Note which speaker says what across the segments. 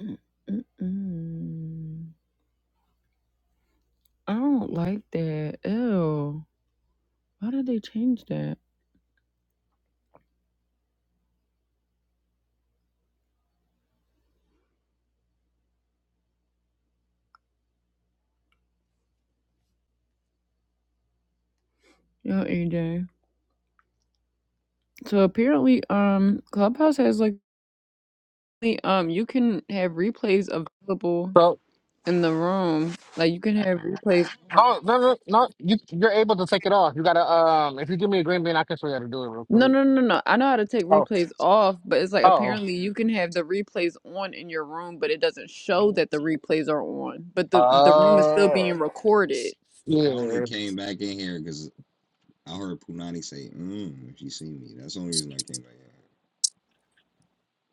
Speaker 1: Mm-mm-mm. I don't like that. Ew. Why did they change that? Yo, AJ. So apparently, um, Clubhouse has like, the- um, you can have replays available
Speaker 2: So
Speaker 1: in the room. Like, you can have replays on.
Speaker 2: no, no, no, no. You you're able to take it off. You gotta um. If you give me a green bean, I can show you how to do it real
Speaker 1: No,
Speaker 2: quick.
Speaker 1: no, no, no. I know how to take
Speaker 2: Oh,
Speaker 1: replays off, but it's like
Speaker 2: oh,
Speaker 1: apparently you can have the replays on in your room, but it doesn't show that the replays are on. But the the room is still
Speaker 2: oh,
Speaker 1: being recorded.
Speaker 3: I only
Speaker 2: yeah.
Speaker 3: came back in here because I heard Punani say, mm, if you see me. That's the only reason I came back in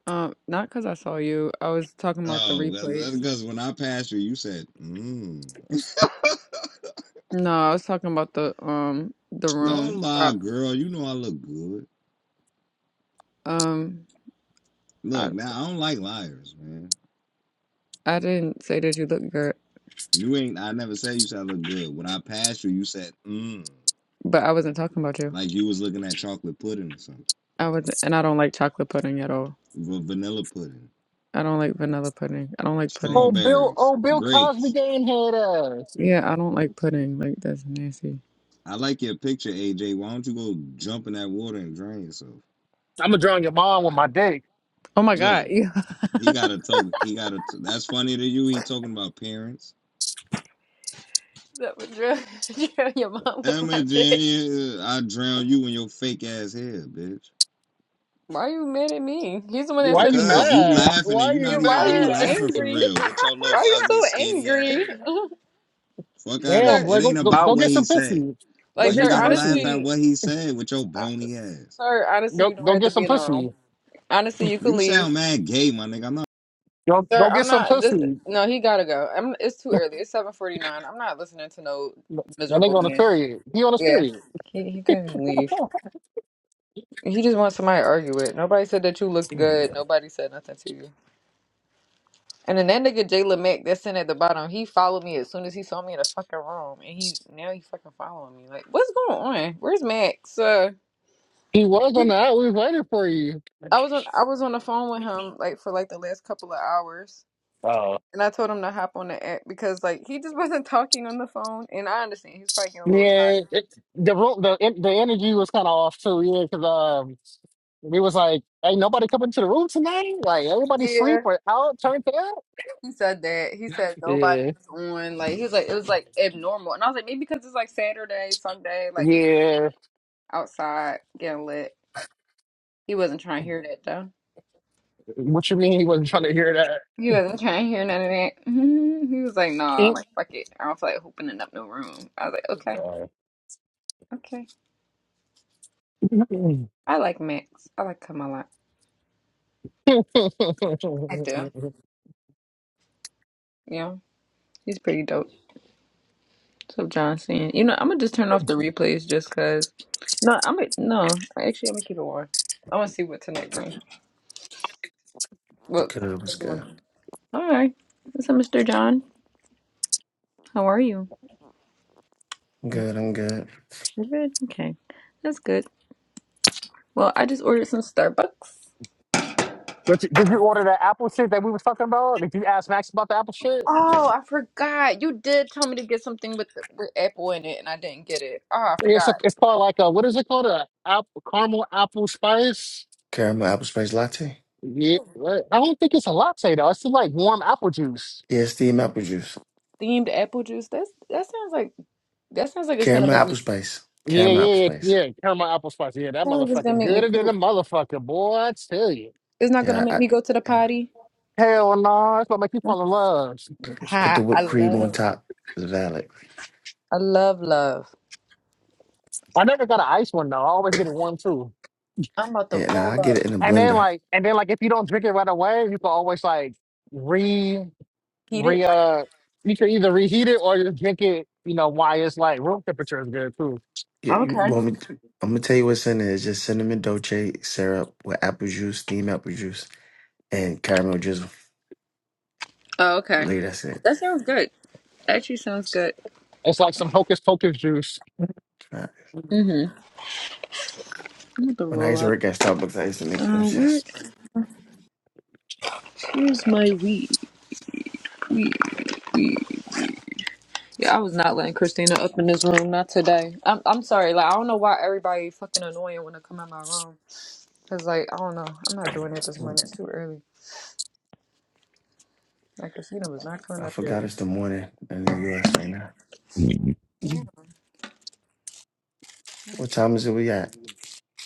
Speaker 1: Um, not because I saw you. I was talking
Speaker 3: here.
Speaker 1: about the
Speaker 3: Oh, that- that's
Speaker 1: replays.
Speaker 3: because when I passed you, you said, mm.
Speaker 1: No, I was talking about the um the room.
Speaker 3: Don't
Speaker 1: Uh,
Speaker 3: lie, girl. You know I look good.
Speaker 1: Um, I
Speaker 3: Look, now I don't like liars, man.
Speaker 1: I didn't say that you look good,
Speaker 3: You ain't, I never said you said I look good. When I passed you, you said, mm.
Speaker 1: but I wasn't talking about you.
Speaker 3: Like you was looking at chocolate pudding or something.
Speaker 1: I was, and I don't like chocolate pudding at all.
Speaker 3: Va- Vanilla pudding.
Speaker 1: I don't like vanilla pudding. I don't like pudding.
Speaker 2: Oh, Bill,
Speaker 3: Strawberries.
Speaker 2: oh, Bill Cosby
Speaker 3: Grapes.
Speaker 2: game head ass.
Speaker 1: Yeah, I don't like pudding. Like that's nasty.
Speaker 3: I like your picture, AJ. Why don't you go jump in that water and drown yourself?
Speaker 2: I'm gonna drown your mom with my dick.
Speaker 1: Oh my
Speaker 3: Look.
Speaker 1: God, you
Speaker 3: He got a token. He got a. T- That's funny to you. He talking about parents.
Speaker 1: that would drill, drill your mom with
Speaker 3: Emma
Speaker 1: my dick.
Speaker 3: Jane, uh, I drown you in your fake ass hair, bitch.
Speaker 1: Why are you mad at me? He's the one that
Speaker 2: Why
Speaker 1: said
Speaker 2: you
Speaker 1: the door
Speaker 3: Because
Speaker 1: for
Speaker 3: you
Speaker 2: mad?
Speaker 1: you.
Speaker 3: laughing and
Speaker 2: Why
Speaker 3: you
Speaker 2: you
Speaker 1: Yeah,
Speaker 3: not
Speaker 1: why
Speaker 3: even
Speaker 1: are
Speaker 3: really
Speaker 1: you
Speaker 2: mad?
Speaker 3: laughing for
Speaker 1: angry?
Speaker 3: real with your
Speaker 1: Why
Speaker 3: little
Speaker 1: are you
Speaker 3: ugly
Speaker 1: so
Speaker 3: skinny ass.
Speaker 1: angry,
Speaker 3: Fuck out of
Speaker 2: Damn,
Speaker 3: here.
Speaker 1: sir?
Speaker 2: boy,
Speaker 3: It
Speaker 2: go,
Speaker 3: ain't
Speaker 2: go
Speaker 3: about
Speaker 2: go
Speaker 3: what
Speaker 2: get
Speaker 3: he
Speaker 2: some
Speaker 3: said.
Speaker 2: pussy. Go
Speaker 3: Why
Speaker 1: Like,
Speaker 2: get
Speaker 3: you
Speaker 1: sir,
Speaker 2: some
Speaker 3: gotta laugh
Speaker 2: pussy.
Speaker 3: at
Speaker 1: honestly.
Speaker 3: what he said with your
Speaker 1: Uh,
Speaker 3: bony ass?
Speaker 1: Sir, honestly,
Speaker 2: Go
Speaker 1: you don't
Speaker 2: go
Speaker 1: have to
Speaker 2: get some
Speaker 1: be in the room.
Speaker 2: pussy.
Speaker 1: Honestly, you can
Speaker 3: You
Speaker 1: leave.
Speaker 3: sound mad gay, my nigga. I'm not
Speaker 2: Go
Speaker 1: Sir,
Speaker 2: go get
Speaker 1: I'm
Speaker 2: some
Speaker 1: not. This,
Speaker 2: pussy.
Speaker 1: no, he gotta go. I'm. It's too early. It's seven forty nine. I'm not listening to no
Speaker 2: That
Speaker 1: miserable
Speaker 2: nigga on his
Speaker 1: man.
Speaker 2: period. He on his
Speaker 1: Yeah,
Speaker 2: period.
Speaker 1: he he couldn't leave. He just wants somebody to argue with. Nobody said that you looked good. Nobody said nothing to you. And then that nigga Jay Mack that's in at the bottom, he followed me as soon as he saw me in the fucking room, and he now he fucking following me. Like, what's going on? Where's Max? Uh,
Speaker 2: He was on the out. We was waiting for you.
Speaker 1: I was on I was on the phone with him like for like the last couple of hours.
Speaker 2: Oh
Speaker 1: And I told him to hop on the app because like he just wasn't talking on the phone, and I understand he's probably getting a little
Speaker 2: yeah,
Speaker 1: tired.
Speaker 2: it's the room, the en- the energy was kind of off too. Yeah, because um, we was like, "Ain't nobody coming to the room tonight? Like everybody
Speaker 1: Yeah,
Speaker 2: sleep or out, turned out."
Speaker 1: he said that. He said nobody
Speaker 2: Yeah,
Speaker 1: was on. Like he was like it was like abnormal, and I was like maybe because it's like Saturday, Sunday, like
Speaker 2: yeah.
Speaker 1: outside getting lit. He wasn't trying to hear that though.
Speaker 2: What you mean he wasn't trying to hear that?
Speaker 1: He wasn't trying to hear none of that. Mhm. He was like, nah,
Speaker 2: Eh.
Speaker 1: like fuck it. I don't feel like opening up no room. I was like, okay,
Speaker 2: Uh,
Speaker 1: okay. I like Max. I like him a lot. I do. Yeah, he's pretty dope. What's up, Johnson? You know, I'm gonna just turn off the replays just cause. No, I'm gonna no. Actually, I'm gonna keep it on. I want to see what tonight brings.
Speaker 4: The
Speaker 1: What
Speaker 4: curve is
Speaker 1: this
Speaker 4: good.
Speaker 1: morning. All right. What's up, Mr. John? How are you?
Speaker 4: I'm
Speaker 1: Yeah,
Speaker 4: Good, I'm good.
Speaker 1: you good. Okay, that's good. Well, I just ordered some Starbucks.
Speaker 2: But you- did you order that Apple shit that we was talking about? Did you ask Max about the Apple shit?
Speaker 1: Oh, I forgot. You did tell me to get something with with apple in it, and I didn't get it. Oh, I
Speaker 2: Yeah, It's
Speaker 1: forgot.
Speaker 2: like, it's called like a what is it called? A apple, caramel apple spice.
Speaker 4: Caramel apple spice latte.
Speaker 2: Yeah, what? I don't think it's a latte though. It's just like warm apple juice.
Speaker 4: Yeah, steamed apple juice.
Speaker 1: Themed apple juice. That's that sounds like that sounds like it's gonna
Speaker 4: Caramel
Speaker 1: make me.
Speaker 4: apple spice.
Speaker 2: Yeah,
Speaker 1: Sounds
Speaker 4: Caramel
Speaker 2: yeah,
Speaker 4: apple
Speaker 2: yeah.
Speaker 4: spice.
Speaker 2: yeah, Caramel apple spice. Yeah, that
Speaker 1: like it's gonna
Speaker 2: motherfucker
Speaker 1: make me
Speaker 2: gooder than a
Speaker 1: poop.
Speaker 2: motherfucker, boy. I tell you.
Speaker 1: It's not gonna
Speaker 4: Yeah,
Speaker 1: make
Speaker 4: I,
Speaker 1: me go to the
Speaker 4: yeah.
Speaker 1: potty.
Speaker 2: Hell no, that's what make you fall in love.
Speaker 4: Put the
Speaker 1: Hi,
Speaker 4: whipped
Speaker 1: I
Speaker 4: cream
Speaker 1: love
Speaker 4: on
Speaker 1: love.
Speaker 4: top. It's valid.
Speaker 1: I love love.
Speaker 2: I never got an ice one though. I always get it one too.
Speaker 1: I'm about to
Speaker 4: Yeah, now
Speaker 1: roll
Speaker 4: I get
Speaker 1: up.
Speaker 4: it in a
Speaker 2: And then
Speaker 4: blender.
Speaker 2: like, and then like, if you don't drink it right away, you can always like re
Speaker 1: Heat it.
Speaker 2: re uh. You can either reheat it or just drink it. You know why it's like room temperature is good too.
Speaker 4: Yeah, you
Speaker 1: Okay.
Speaker 4: want me to, I'm gonna tell you what's in it. It's just cinnamon dolce syrup with apple juice, steamed apple juice, and caramel drizzle.
Speaker 1: Oh, okay.
Speaker 4: Later, that's it.
Speaker 1: That sounds good. Actually, sounds good.
Speaker 2: It's like some hocus pocus juice.
Speaker 4: Right.
Speaker 1: Mm-hmm. I'm about to
Speaker 4: When I
Speaker 1: roll
Speaker 4: used to
Speaker 1: up.
Speaker 4: work at Starbucks, I used to make them
Speaker 1: Uh, where?
Speaker 4: shits.
Speaker 1: Here's my weed. Weed. Weed. Yeah, I was not letting Christina up in this room. Not today. I'm. I'm sorry. Like I don't know why everybody fucking annoying when I come in my room. Cause like I don't know. I'm not doing it this morning. It's too early. Like Christina was not coming
Speaker 4: I
Speaker 1: up
Speaker 4: forgot
Speaker 1: here.
Speaker 4: it's the morning in the U.S. right now.
Speaker 1: Yeah.
Speaker 4: What time is it we at?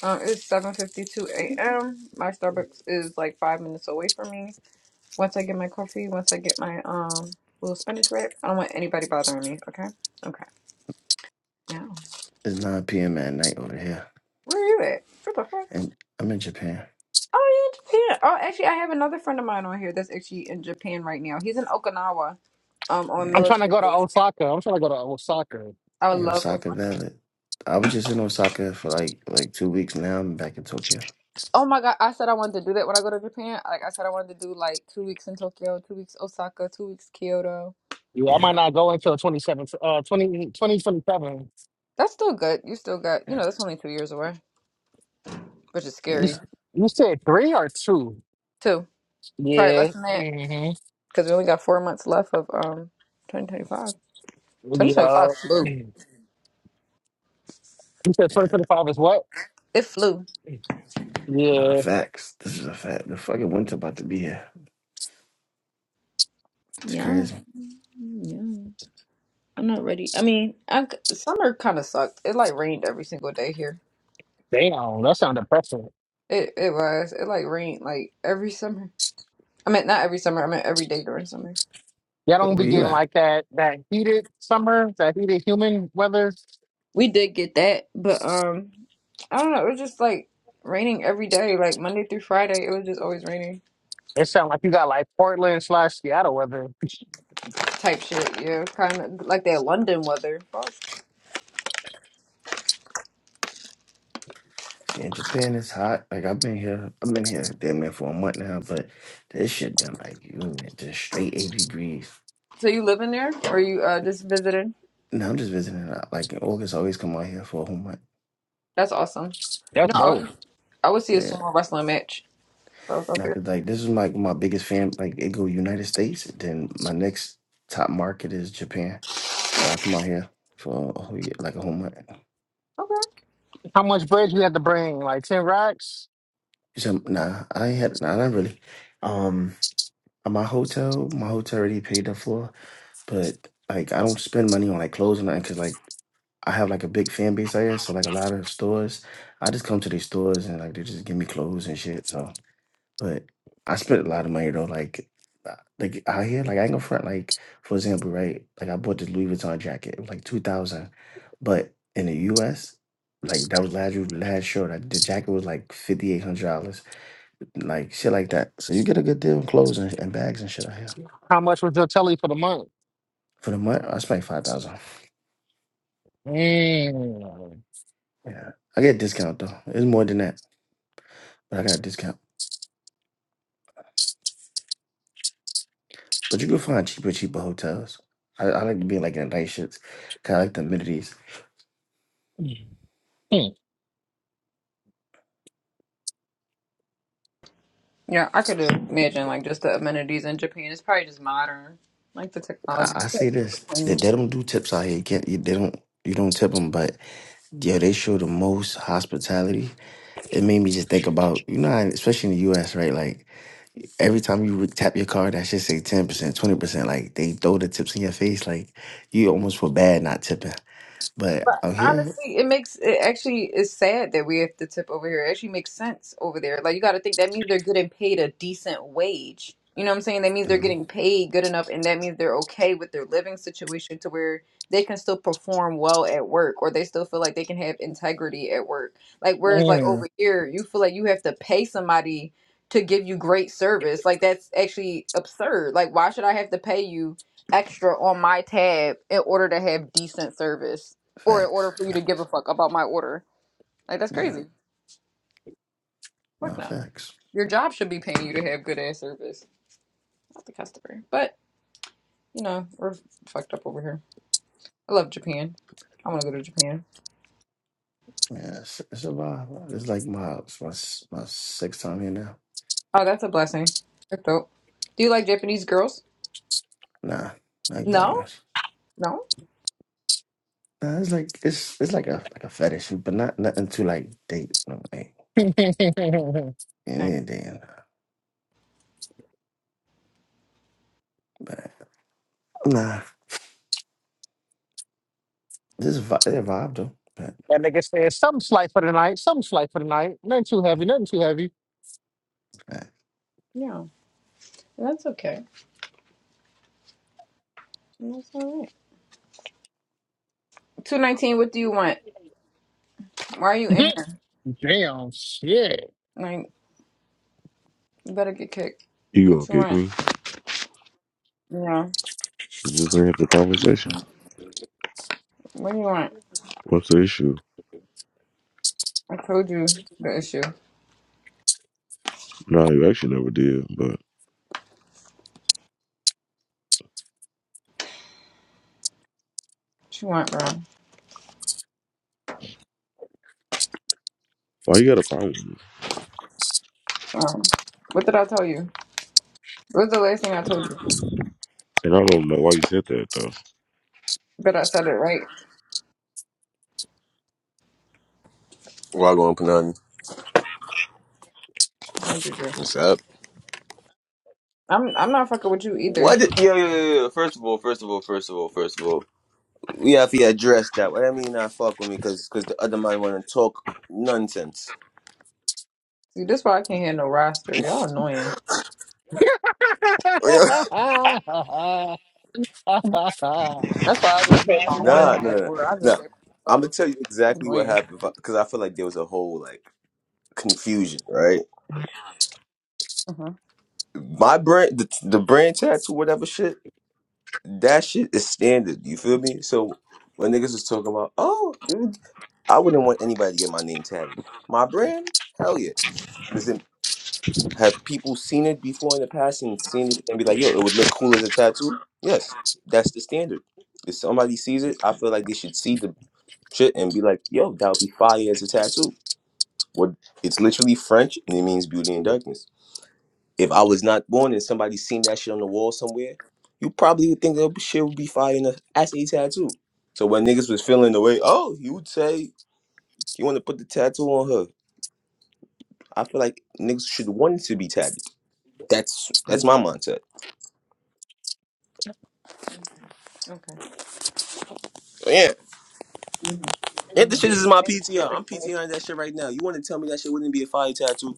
Speaker 1: Um, it's seven fifty two a.m. My Starbucks is like five minutes away from me. Once I get my coffee, once I get my um little spinach wrap, I don't want anybody bothering me. Okay. Okay. Now,
Speaker 4: It's 9 p.m. at night over here.
Speaker 1: where are you at? What the fuck?
Speaker 4: And I'm in Japan.
Speaker 1: Oh, you in Japan? Oh, actually, I have another friend of mine on here that's actually in Japan right now. He's in Okinawa, um, on
Speaker 2: I'm
Speaker 4: Yeah.
Speaker 2: trying to
Speaker 1: military
Speaker 2: go to
Speaker 1: base.
Speaker 2: Osaka. I'm trying to go to Osaka.
Speaker 1: I would
Speaker 4: In
Speaker 1: love
Speaker 4: Osaka
Speaker 1: Osaka.
Speaker 4: Valley. I was just in Osaka for like like two weeks now. I'm back in Tokyo.
Speaker 1: Oh my god, I said I wanted to do that when I go to Japan. Like I said, I wanted to do like two weeks in Tokyo, two weeks Osaka, two weeks Kyoto.
Speaker 2: Yeah, I
Speaker 4: Yeah.
Speaker 2: might not go until 27, uh, 20 twenty twenty seven.
Speaker 1: That's still good. You still got, you know,
Speaker 4: Yeah.
Speaker 1: that's only two years away. which is
Speaker 2: You,
Speaker 4: Yeah.
Speaker 1: scary
Speaker 2: s- you said three or two?
Speaker 1: too. Probably
Speaker 2: Yeah.
Speaker 1: less than that
Speaker 2: Mm-hmm.
Speaker 1: because we only got four months left of um 2025.
Speaker 2: Yeah.
Speaker 1: 2025 flew.
Speaker 2: You said
Speaker 4: Yeah.
Speaker 2: 2025 is what?
Speaker 1: It flew.
Speaker 4: Nah,
Speaker 2: Yeah.
Speaker 4: facts. This is a fact. The fucking winter about to be here. It's
Speaker 1: Yeah,
Speaker 4: crazy.
Speaker 1: yeah. I'm not ready. I mean, I c- summer kind of sucked. It like rained every single day here.
Speaker 2: Damn, that sound depressing.
Speaker 1: It it was. It like rained like every summer. I mean, not every summer. I meant every day during summer.
Speaker 2: Y'all
Speaker 4: But
Speaker 2: don't
Speaker 4: where
Speaker 2: be
Speaker 4: you
Speaker 2: getting
Speaker 4: at?
Speaker 2: like that, that heated summer, that heated human weather.
Speaker 1: We did get that, but um, I don't know. It was just like raining every day, like Monday through Friday. It was just always raining
Speaker 2: It sound like you got like Portland slash Seattle weather.
Speaker 1: type shit. Yeah, kind of like that London weather. Fuck.
Speaker 4: See, in Japan, it's hot. Like, I've been here. I've been here damn near for a month now, but this shit been like, you know, just straight 80 degrees.
Speaker 1: So you live in there, or you uh, just visited?
Speaker 4: No, I'm just visiting. Like, in August, I always come out here for a whole month.
Speaker 1: That's awesome. You
Speaker 2: That's
Speaker 1: know, I
Speaker 4: Yeah.
Speaker 2: dope.
Speaker 1: would, I would see a
Speaker 4: Yeah.
Speaker 1: sumo wrestling match if I was up
Speaker 4: Now,
Speaker 1: there.
Speaker 4: cause like this is like my biggest fan. Like it go United States, then my next top market is Japan. So I come out here for a whole year, like a whole month.
Speaker 1: Okay.
Speaker 2: How much bread you had to bring? Like 10 racks?
Speaker 4: So nah, I ain't had nah, not really. Um, uh, my hotel, my hotel already paid the floor, but like I don't spend money on like clothes or nothing, cause like I have like a big fan base out here. So like a lot of stores, I just come to these stores and like they just give me clothes and shit. So. But I spent a lot of money though. Like, uh, like out here, like I ain't gonna front. Like for example, right? Like I bought this Louis Vuitton jacket. It was like two thousand, but in the U.S., like that was last last show. That the jacket was like fifty eight hundred dollars. Like shit like that. So you get a good deal on clothes and, and bags and shit out here.
Speaker 2: How much was your telly for the month?
Speaker 4: For the month, I spent five thousand.
Speaker 2: Mm.
Speaker 4: Yeah, I get a discount though. It's more than that, but I got a discount. But you can find cheaper, cheaper hotels. I, I like to be like in nice shits. Cause I like the amenities.
Speaker 1: Yeah, I could imagine like just the amenities in Japan. It's probably just modern, like the technology.
Speaker 4: I, I say this that they don't do tips out here. You can't, you, they don't you don't tip them, but yeah, they show the most hospitality. It made me just think about you know, how- especially in the U.S. right? Like every time you would tap your card, that should say ten percent, twenty percent. Like they throw the tips in your face. Like you almost feel bad not tipping. But
Speaker 1: But
Speaker 4: out here,
Speaker 1: honestly, it makes it actually is sad that we have to tip over here. It actually makes sense over there. Like you got to think that means they're getting paid a decent wage. You know what I'm saying? That means they're
Speaker 4: mhm,
Speaker 1: getting paid good enough, and that means they're okay with their living situation to where they can still perform well at work, or they still feel like they can have integrity at work. Like whereas like
Speaker 2: Mm.
Speaker 1: over here, you feel like you have to pay somebody to give you great service. Like that's actually absurd. Like why should I have to pay you extra on my tab in order to have decent service? or in order
Speaker 4: facts,
Speaker 1: for you to give a
Speaker 4: facts,
Speaker 1: fuck about my order. Like that's
Speaker 4: yeah,
Speaker 1: crazy.
Speaker 4: no
Speaker 1: Fuck no.
Speaker 4: facts.
Speaker 1: Your job should be paying you to have good ass service, not the customer. But you know we're fucked up over here. I love Japan. I want to go to Japan.
Speaker 4: Yeah, it's, it's a vibe. It's like my it's my my sixth time here now.
Speaker 1: Oh, that's a blessing. That's dope. Do you like Japanese girls?
Speaker 4: Nah, like black
Speaker 1: No,
Speaker 4: guys.
Speaker 1: no.
Speaker 4: Nah, it's like it's it's like a like a fetish, but not nothing to like date. No, like,
Speaker 2: Mm.
Speaker 4: it
Speaker 1: Okay.
Speaker 4: ain't dating. But nah, this is vi- it vibe though. But.
Speaker 2: That nigga said something slight for the night, something slight for the night. Nothing too heavy, nothing too heavy.
Speaker 4: nah.
Speaker 1: Yeah, that's okay. That's all right. Two nineteen. What do you want? Why are you in here?
Speaker 2: Damn shit.
Speaker 1: Like, you better get kicked.
Speaker 5: You gonna
Speaker 1: What you
Speaker 5: kick
Speaker 1: want?
Speaker 5: me?
Speaker 1: Yeah.
Speaker 5: Just gonna have the conversation.
Speaker 1: What do you want?
Speaker 5: What's the issue?
Speaker 1: I told you the issue.
Speaker 5: No, you actually never did, but
Speaker 1: What you want, bro?
Speaker 5: why you got a problem with me?
Speaker 1: Um, what did I tell you? What's the last thing I told you?
Speaker 5: And I don't know why you said that though.
Speaker 1: Bet I said it right.
Speaker 6: Wagwan Panani.
Speaker 1: Heard you, Drew.
Speaker 6: What's up?
Speaker 1: I'm I'm not fucking with you either.
Speaker 6: What? Did, yo, yo, yo, yo. First of all, first of all, first of all, first of all, we have to address that. What I mean, not fuck with me, cause, cause the other man wanna talk nonsense.
Speaker 1: See, this why I can't hear no roster. Y'all annoying.
Speaker 6: nah,
Speaker 1: That's why I just say my
Speaker 6: no,
Speaker 1: one,
Speaker 6: no,
Speaker 1: and
Speaker 6: no,
Speaker 1: or I just
Speaker 6: no.
Speaker 1: say my
Speaker 6: I'm gonna
Speaker 1: myself.
Speaker 6: tell you exactly what
Speaker 1: Annoying.
Speaker 6: happened, cause I feel like there was a whole like confusion, right?
Speaker 1: Mhm.
Speaker 6: My brand, the, the brand tattoo, whatever shit, that shit is standard. You feel me? So when niggas was talking about, oh, you- I wouldn't want anybody to get my name tatted. My brand, hell yeah. Have people seen it before in the past and seen it and be like, yo, it would look cool as a tattoo? Yes, that's the standard. If somebody sees it, I feel like they should see the shit and be like, yo, that would be fire as a tattoo. What it's literally French and it means beauty and darkness. If I was not born and somebody seen that shit on the wall somewhere, you probably would think that shit would be fire in a, as a tattoo. So when niggas was feeling the way, oh, you would say you want to put the tattoo on her. I feel like niggas should want it to be tatted. That's that's my mindset.
Speaker 1: Okay.
Speaker 6: So Yeah. If the
Speaker 1: Mhm.
Speaker 6: shit is my
Speaker 1: Thank you for
Speaker 6: PTR,
Speaker 1: your
Speaker 6: I'm
Speaker 1: explanation.
Speaker 6: PTRing that shit right now. You want to tell me that shit wouldn't be a fire tattoo?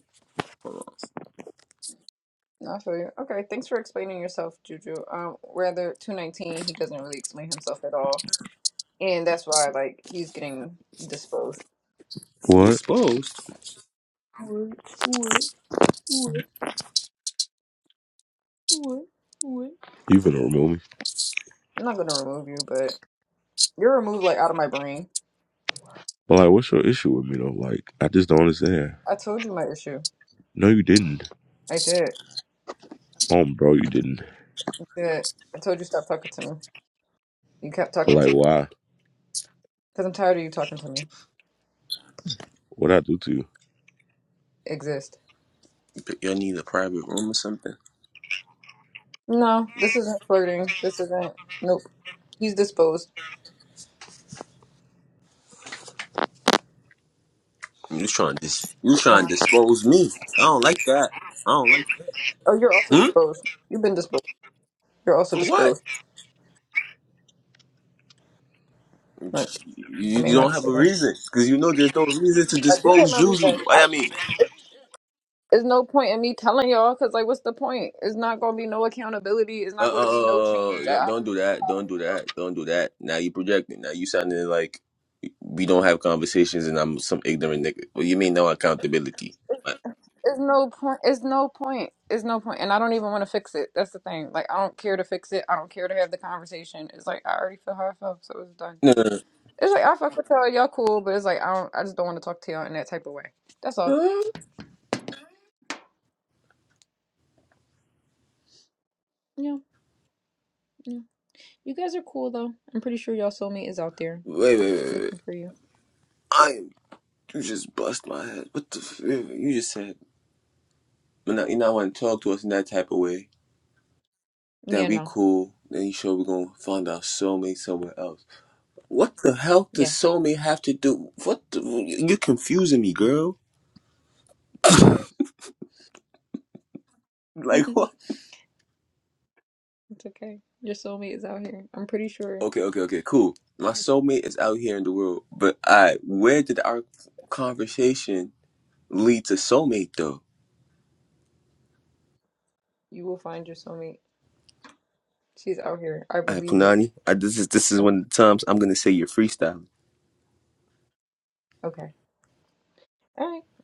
Speaker 1: No, I feel you. Okay. Thanks for explaining yourself, Juju. Um, rather two nineteen, he doesn't really explain himself at all, and that's why like he's getting disposed.
Speaker 5: What?
Speaker 6: Exposed.
Speaker 1: What? What? What? What? What?
Speaker 5: You finna remove me?
Speaker 1: I'm not gonna remove you, but you're removed like out of my brain.
Speaker 5: But like, what's your issue with me though? Like, I just don't understand.
Speaker 1: I told you my issue.
Speaker 5: No, you didn't.
Speaker 1: I did.
Speaker 5: Um, bro, you didn't.
Speaker 1: I did. I told you stop talking to me. You kept
Speaker 5: But
Speaker 1: talking to
Speaker 5: like, why?
Speaker 1: because I'm tired of you talking to me.
Speaker 5: What I do to you?
Speaker 1: Exist.
Speaker 6: Y'all need a private room or something.
Speaker 1: No, this isn't flirting. This isn't. Nope. He's disposed.
Speaker 6: You trying to dis- you
Speaker 1: Come
Speaker 6: trying
Speaker 1: on.
Speaker 6: to dispose me? I don't like that. I don't like that.
Speaker 1: Oh, you're also
Speaker 6: Hmm?
Speaker 1: disposed. You've been disposed. You're also
Speaker 6: For what?
Speaker 1: disposed. Like I
Speaker 6: You,
Speaker 1: made
Speaker 6: you
Speaker 1: my
Speaker 6: don't have a
Speaker 1: decision.
Speaker 6: reason because you know there's no reason to
Speaker 1: I did have
Speaker 6: dispose
Speaker 1: my
Speaker 6: Juju.
Speaker 1: revenge. I,
Speaker 6: I mean,
Speaker 1: there's no point in me telling y'all because like, what's the point? It's not gonna be no accountability. It's
Speaker 6: uh, uh,
Speaker 1: not going to be no change.
Speaker 6: uh,
Speaker 1: I
Speaker 6: don't, don't
Speaker 1: already
Speaker 6: do that. Don't do
Speaker 1: know.
Speaker 6: that. Don't do that. Now you projecting. Now you sounding like we don't have conversations and I'm some ignorant nigga. What do you mean no accountability? What?
Speaker 1: It's no point. It's no point. It's no point. And I don't even want to fix it. That's the thing. Like I don't care to fix it. I don't care to have the conversation. It's like I already feel how I felt, so it's done.
Speaker 6: No, no,
Speaker 1: It's like I fuck with y'all. Y'all cool, but it's like I don't. I just don't want to talk to y'all in that type of way. That's all.
Speaker 6: no.
Speaker 1: Yeah, yeah. You guys are cool though. I'm pretty sure y'all soulmate is out there
Speaker 6: Wait, wait, wait, wait.
Speaker 1: looking for you.
Speaker 6: I am. You just bust my head. What the? F- you just said. You know, you not want to talk to us in that type of way. That
Speaker 1: Yeah.
Speaker 6: we
Speaker 1: No.
Speaker 6: cool. Then you sure we're gonna find our soulmate somewhere else. What the hell does
Speaker 1: Yes.
Speaker 6: soulmate have to do? What? The, you're confusing me, girl. Like
Speaker 1: it's
Speaker 6: what?
Speaker 1: okay. Your soulmate is out here. I'm pretty sure
Speaker 6: Okay, okay, okay. Cool. My soulmate is out here in the world, but I. Where did our conversation lead to soulmate though?
Speaker 1: you will find your soulmate. She's out here. I
Speaker 6: I
Speaker 1: believe it.
Speaker 6: Punani. I, this is this is one of the times I'm gonna say you're freestyling.
Speaker 1: Okay. All right.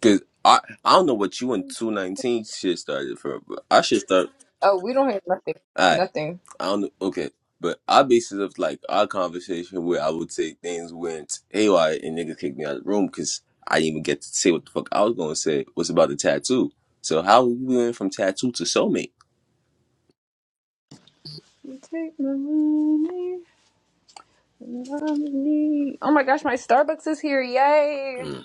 Speaker 6: Cause I I don't know what you and two nineteen shit started from, but I should start.
Speaker 1: Oh, we don't have nothing.
Speaker 6: I
Speaker 1: Nothing.
Speaker 6: I don't know. Okay, but I basis of like our conversation where I would say things went haywire and niggas kicked me out of the room because I didn't even get to say what the fuck I was gonna say. was about the tattoo? So how we went from tattoo to soulmate?
Speaker 1: You take my money and love me. Oh my gosh, my Starbucks is here. Yay!
Speaker 6: Mm.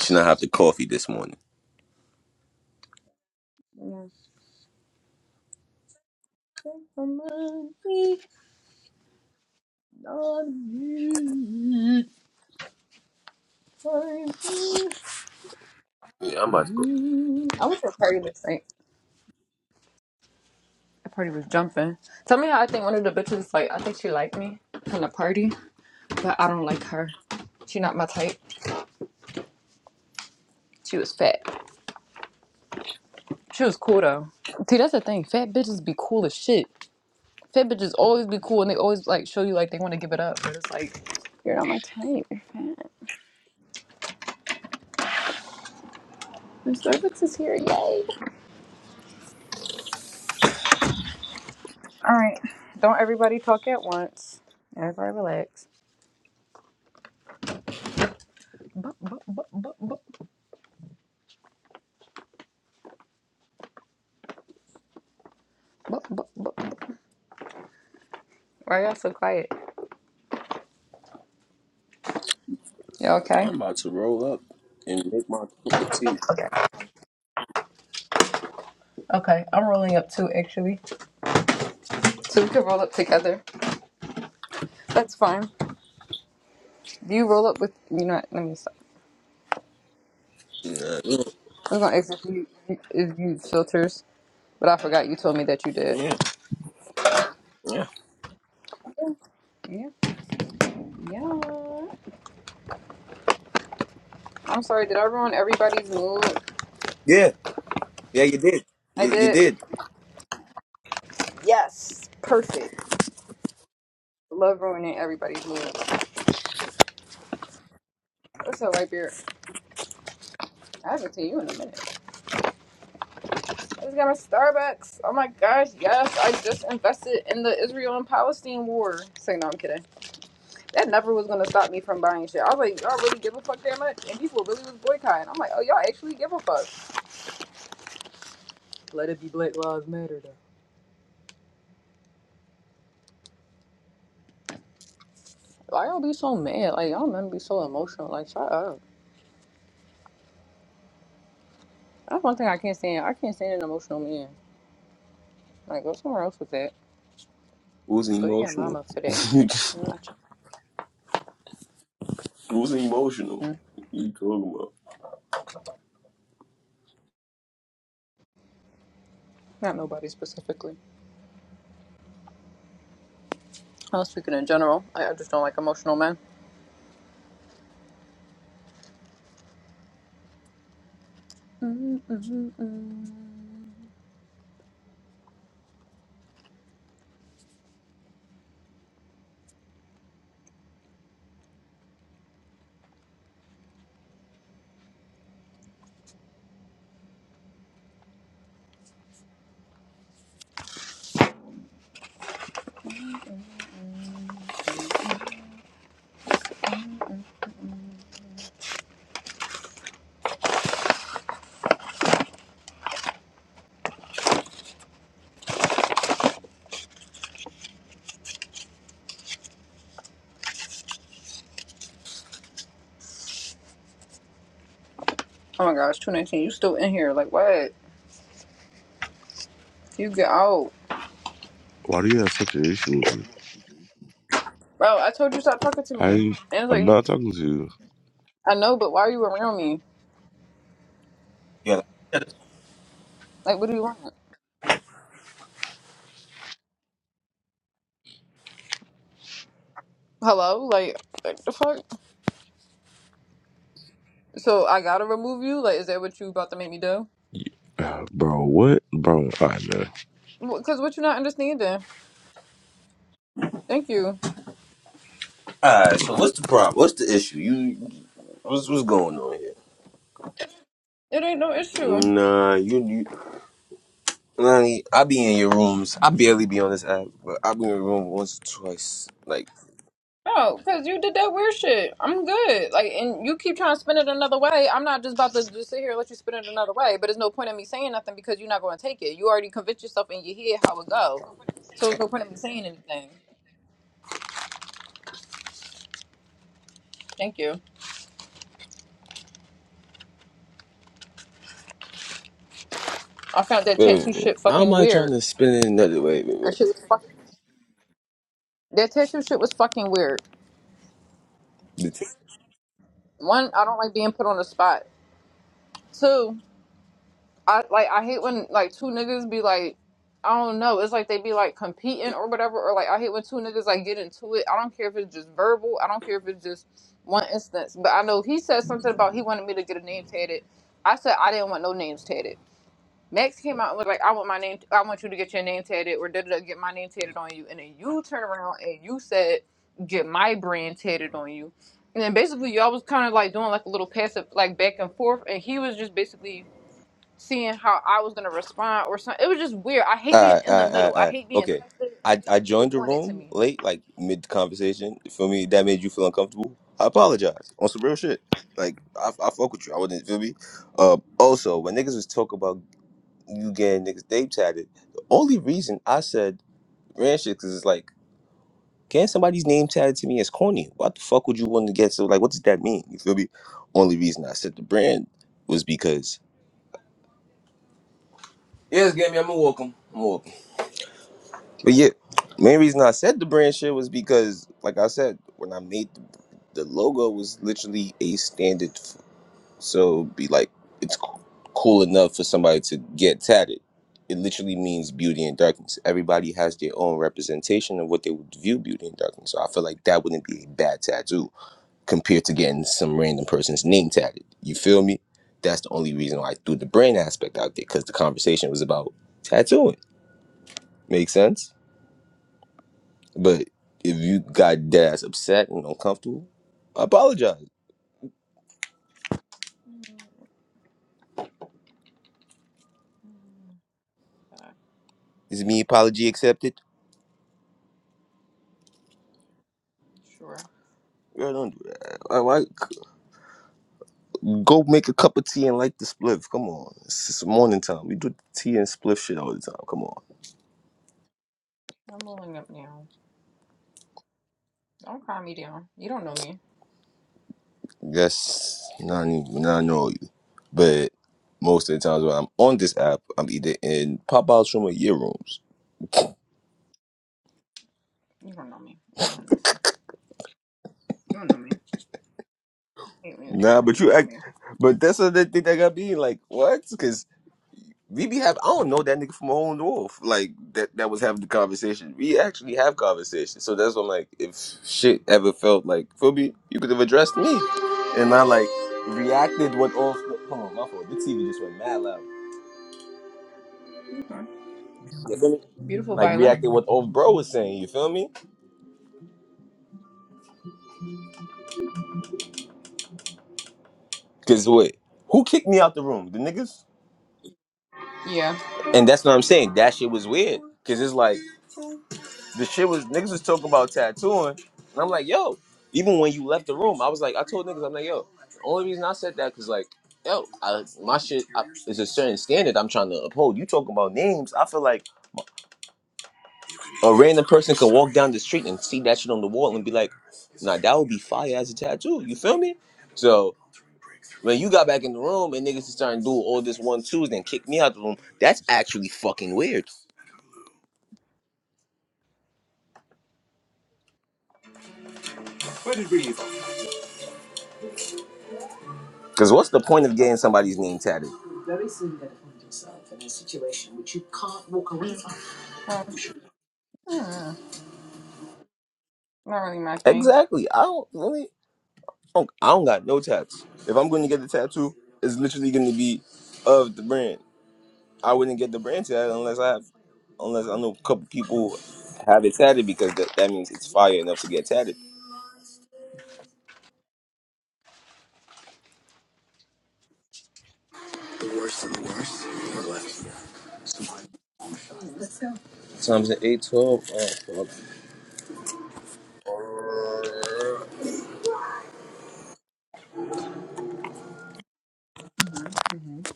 Speaker 6: Should not have the coffee this morning.
Speaker 1: Yeah. Take my money, love you.
Speaker 6: Yeah, I'm about to go.
Speaker 1: I was at a party last night. That party was jumping. Tell me how I think one of the bitches like I think she liked me in the party, but I don't like her. She not my type. She was fat. She was cool though. See, that's the thing. Fat bitches be cool as shit. Fit bitches always be cool and they always like show you like they want to give it up, but it's like you're not my type. You're fat. And Starbucks is here. Yay! All right. Don't everybody talk at once. Everybody relax. Bup, bup, bup, bup, bup, bup, bup, bup. Why are y'all so quiet? You all okay?
Speaker 6: I'm about to roll up and make my cup of tea.
Speaker 1: Okay. Okay. I'm rolling up too, actually. So we can roll up together. That's fine. Do you roll up with you know? what, Let me stop.
Speaker 6: Nah. Mm,
Speaker 1: I was gonna ask if you if you use filters, but I forgot you told me that you did.
Speaker 6: Yeah, yeah.
Speaker 1: Yeah. Yeah. I'm sorry, did I ruin everybody's mood?
Speaker 6: Yeah, yeah, you did.
Speaker 1: I
Speaker 6: You, you
Speaker 1: did.
Speaker 6: did.
Speaker 1: Yes, perfect. Love ruining everybody's mood. What's up, White beard? I haven't seen you in a minute. I just got my Starbucks. Oh my gosh, yes, I just invested in the Israel and Palestine war. Say no, I'm kidding. That never was gonna stop me from buying shit. I was like, y'all really give a fuck that much? And people really was boycotting. I'm like, oh y'all actually give a fuck. Let it be Black Lives Matter though. Why y'all be so mad? Like y'all men be so emotional. Like shut up. That's one thing I can't stand. I can't stand an emotional man. Like, go somewhere else with that.
Speaker 6: Who's
Speaker 1: Go to your
Speaker 6: emotional?
Speaker 1: mama for that. Not your
Speaker 6: Who's emotional?
Speaker 1: mama. Mm,
Speaker 6: What You talking about?
Speaker 1: Not nobody specifically. I was speaking in general. I, I just don't like emotional men. Mm, mm, mm, mm. Oh my gosh, 219, you still in here. Like, what? You get out.
Speaker 5: Why do you have such an issue with me?
Speaker 1: Bro, I told you stop talking to
Speaker 5: I
Speaker 1: me. And
Speaker 5: ain't.
Speaker 1: it's
Speaker 5: I'm not
Speaker 1: like,
Speaker 5: talking to you,
Speaker 1: I know, but why are you around me?
Speaker 6: Yeah.
Speaker 1: Like, what do you want? Hello? Like, like the fuck? So I gotta remove you? Like, is that what you about to make me do?
Speaker 5: Uh, bro. What, bro? I know.
Speaker 1: Because what you not understanding? Thank you.
Speaker 6: All right. So what's the problem? What's the issue? You what's what's going on here?
Speaker 1: It ain't no issue.
Speaker 6: Nah, you, you Lonnie, I be in your rooms. I barely be on this app, but I be in your room once or twice. Like,
Speaker 1: No, because you did that weird shit. I'm good. Like, and you keep trying to spin it another way. I'm not just about to just sit here and let you spin it another way. But there's no point in me saying nothing because you're not going to take it. You already convinced yourself in your head how it go. So there's no point in me saying anything. Thank you. I found that
Speaker 6: wait,
Speaker 1: tattoo
Speaker 6: wait, wait.
Speaker 1: shit
Speaker 6: How am
Speaker 1: fucking
Speaker 6: I trying
Speaker 1: weird.
Speaker 6: to spin it another way?
Speaker 1: That
Speaker 6: Wait,
Speaker 1: shit was fucking. That tattoo shit was fucking weird.
Speaker 6: wait.
Speaker 1: One, I don't like being put on the spot. Two, I like I hate when like two niggas be like I don't know. It's like they be like competing or whatever, or like I hate when two niggas like get into it. I don't care if it's just verbal. I don't care if it's just one instance. But I know he said something about he wanted me to get a name tatted. I said I didn't want no names tatted. Max came out and was like, "I want my name. I want you to get your name tatted, or did it get my name tatted on you?" And then you turn around and you said, "Get my brand tatted on you." And then basically y'all was kind of like doing like a little passive like back and forth, and he was just basically seeing how I was gonna respond or something. It was just weird. I hate
Speaker 6: All
Speaker 1: being
Speaker 6: right, all
Speaker 1: in the
Speaker 6: right, all right,
Speaker 1: middle.
Speaker 6: all
Speaker 1: I
Speaker 6: right.
Speaker 1: hate being
Speaker 6: Okay. I, I
Speaker 1: people
Speaker 6: joined the
Speaker 1: doing it to
Speaker 6: room
Speaker 1: me.
Speaker 6: late, like mid conversation. Feel me, that made you feel uncomfortable. I apologize on some real shit. Like I, I fuck with you. I wouldn't feel me. Uh, also, when niggas was talking about you getting niggas name tatted, the only reason I said ran shit because it's like, getting somebody's name tatted to me is corny? What the fuck would you want to get? So like, what does that mean? You feel me? Only reason I said the brand was because yes, Gammy, I'm gonna walk 'em. But yeah, main reason I said the brand shit was because, like I said, when I made the, the logo was literally a standard, f- so be like it's co- cool enough for somebody to get tatted. It literally means beauty and darkness. Everybody has their own representation of what they would view beauty and darkness. So I feel like that wouldn't be a bad tattoo compared to getting some random person's name tatted. You feel me? That's the only reason why I threw the brand aspect out there because the conversation was about tattooing. Make sense? But if you got dead ass upset and uncomfortable, apologize.
Speaker 1: Uh,
Speaker 6: Is me apology accepted?
Speaker 1: sure.
Speaker 6: Girl, don't do that. Why, why- Go make a cup of tea and light the spliff. Come on, it's, it's morning time. We do tea and spliff shit all the time. Come on.
Speaker 1: I'm rolling up now. Don't cry me down. You don't know me.
Speaker 6: Yes, not even, not know you. But most of the times when I'm on this app, I'm either in pop outs room or year rooms.
Speaker 1: You don't know me. You don't know nothing. You don't know me. Hate me acting
Speaker 6: Nah,
Speaker 1: like
Speaker 6: but
Speaker 1: you
Speaker 6: you
Speaker 1: know
Speaker 6: act.
Speaker 1: me.
Speaker 6: But that's another thing that got me like, what? Because. We be have I don't know that nigga from a hole in the wolf. Like that that was having the conversation. We actually have conversations. So that's what I'm like, if shit ever felt like Phoebe, you could have addressed me. And I like reacted what off hold on, my fault. The TV just went mad loud.
Speaker 1: Okay.
Speaker 6: You feel me?
Speaker 1: Beautiful
Speaker 6: Like
Speaker 1: violin.
Speaker 6: reacted what old bro was saying, you feel me? Cause wait, who kicked me out the room? The niggas?
Speaker 1: Yeah.
Speaker 6: And that's what I'm saying. That shit was weird. Cause it's like the shit was niggas was talking about tattooing, and I'm like, yo. Even when you left the room, I was like, I told niggas, I'm like, yo. The only reason I said that because like, yo, I, my shit I, is a certain standard I'm trying to uphold. You talking about names? I feel like a random person can walk down the street and see that shit on the wall and be like, nah, that would be fire as a tattoo. You feel me? So when you got back in the room and niggas is starting to do all this one twos and kick me out the room, that's actually fucking weird. Cause what's the point of getting somebody's name tatted?
Speaker 1: Um, mm, not really my thing.
Speaker 6: Exactly. I don't. really, don't- I don't got no tats. If I'm going to get the tattoo, it's literally going to be of the brand. I wouldn't get the brand tat unless I have, unless I know a couple people have it tatted because that, that means it's fire enough to get tatted.
Speaker 1: Mm.
Speaker 6: Times the eight twelve. Oh
Speaker 1: Mm-hmm. Mm-hmm.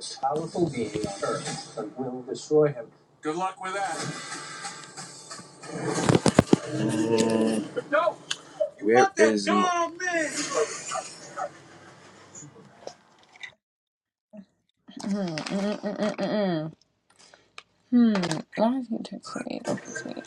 Speaker 6: fuck! Where is
Speaker 1: Mm-hmm. Mm-hmm. Mm-hmm. Hmm. Why is he texting me? Don't text me.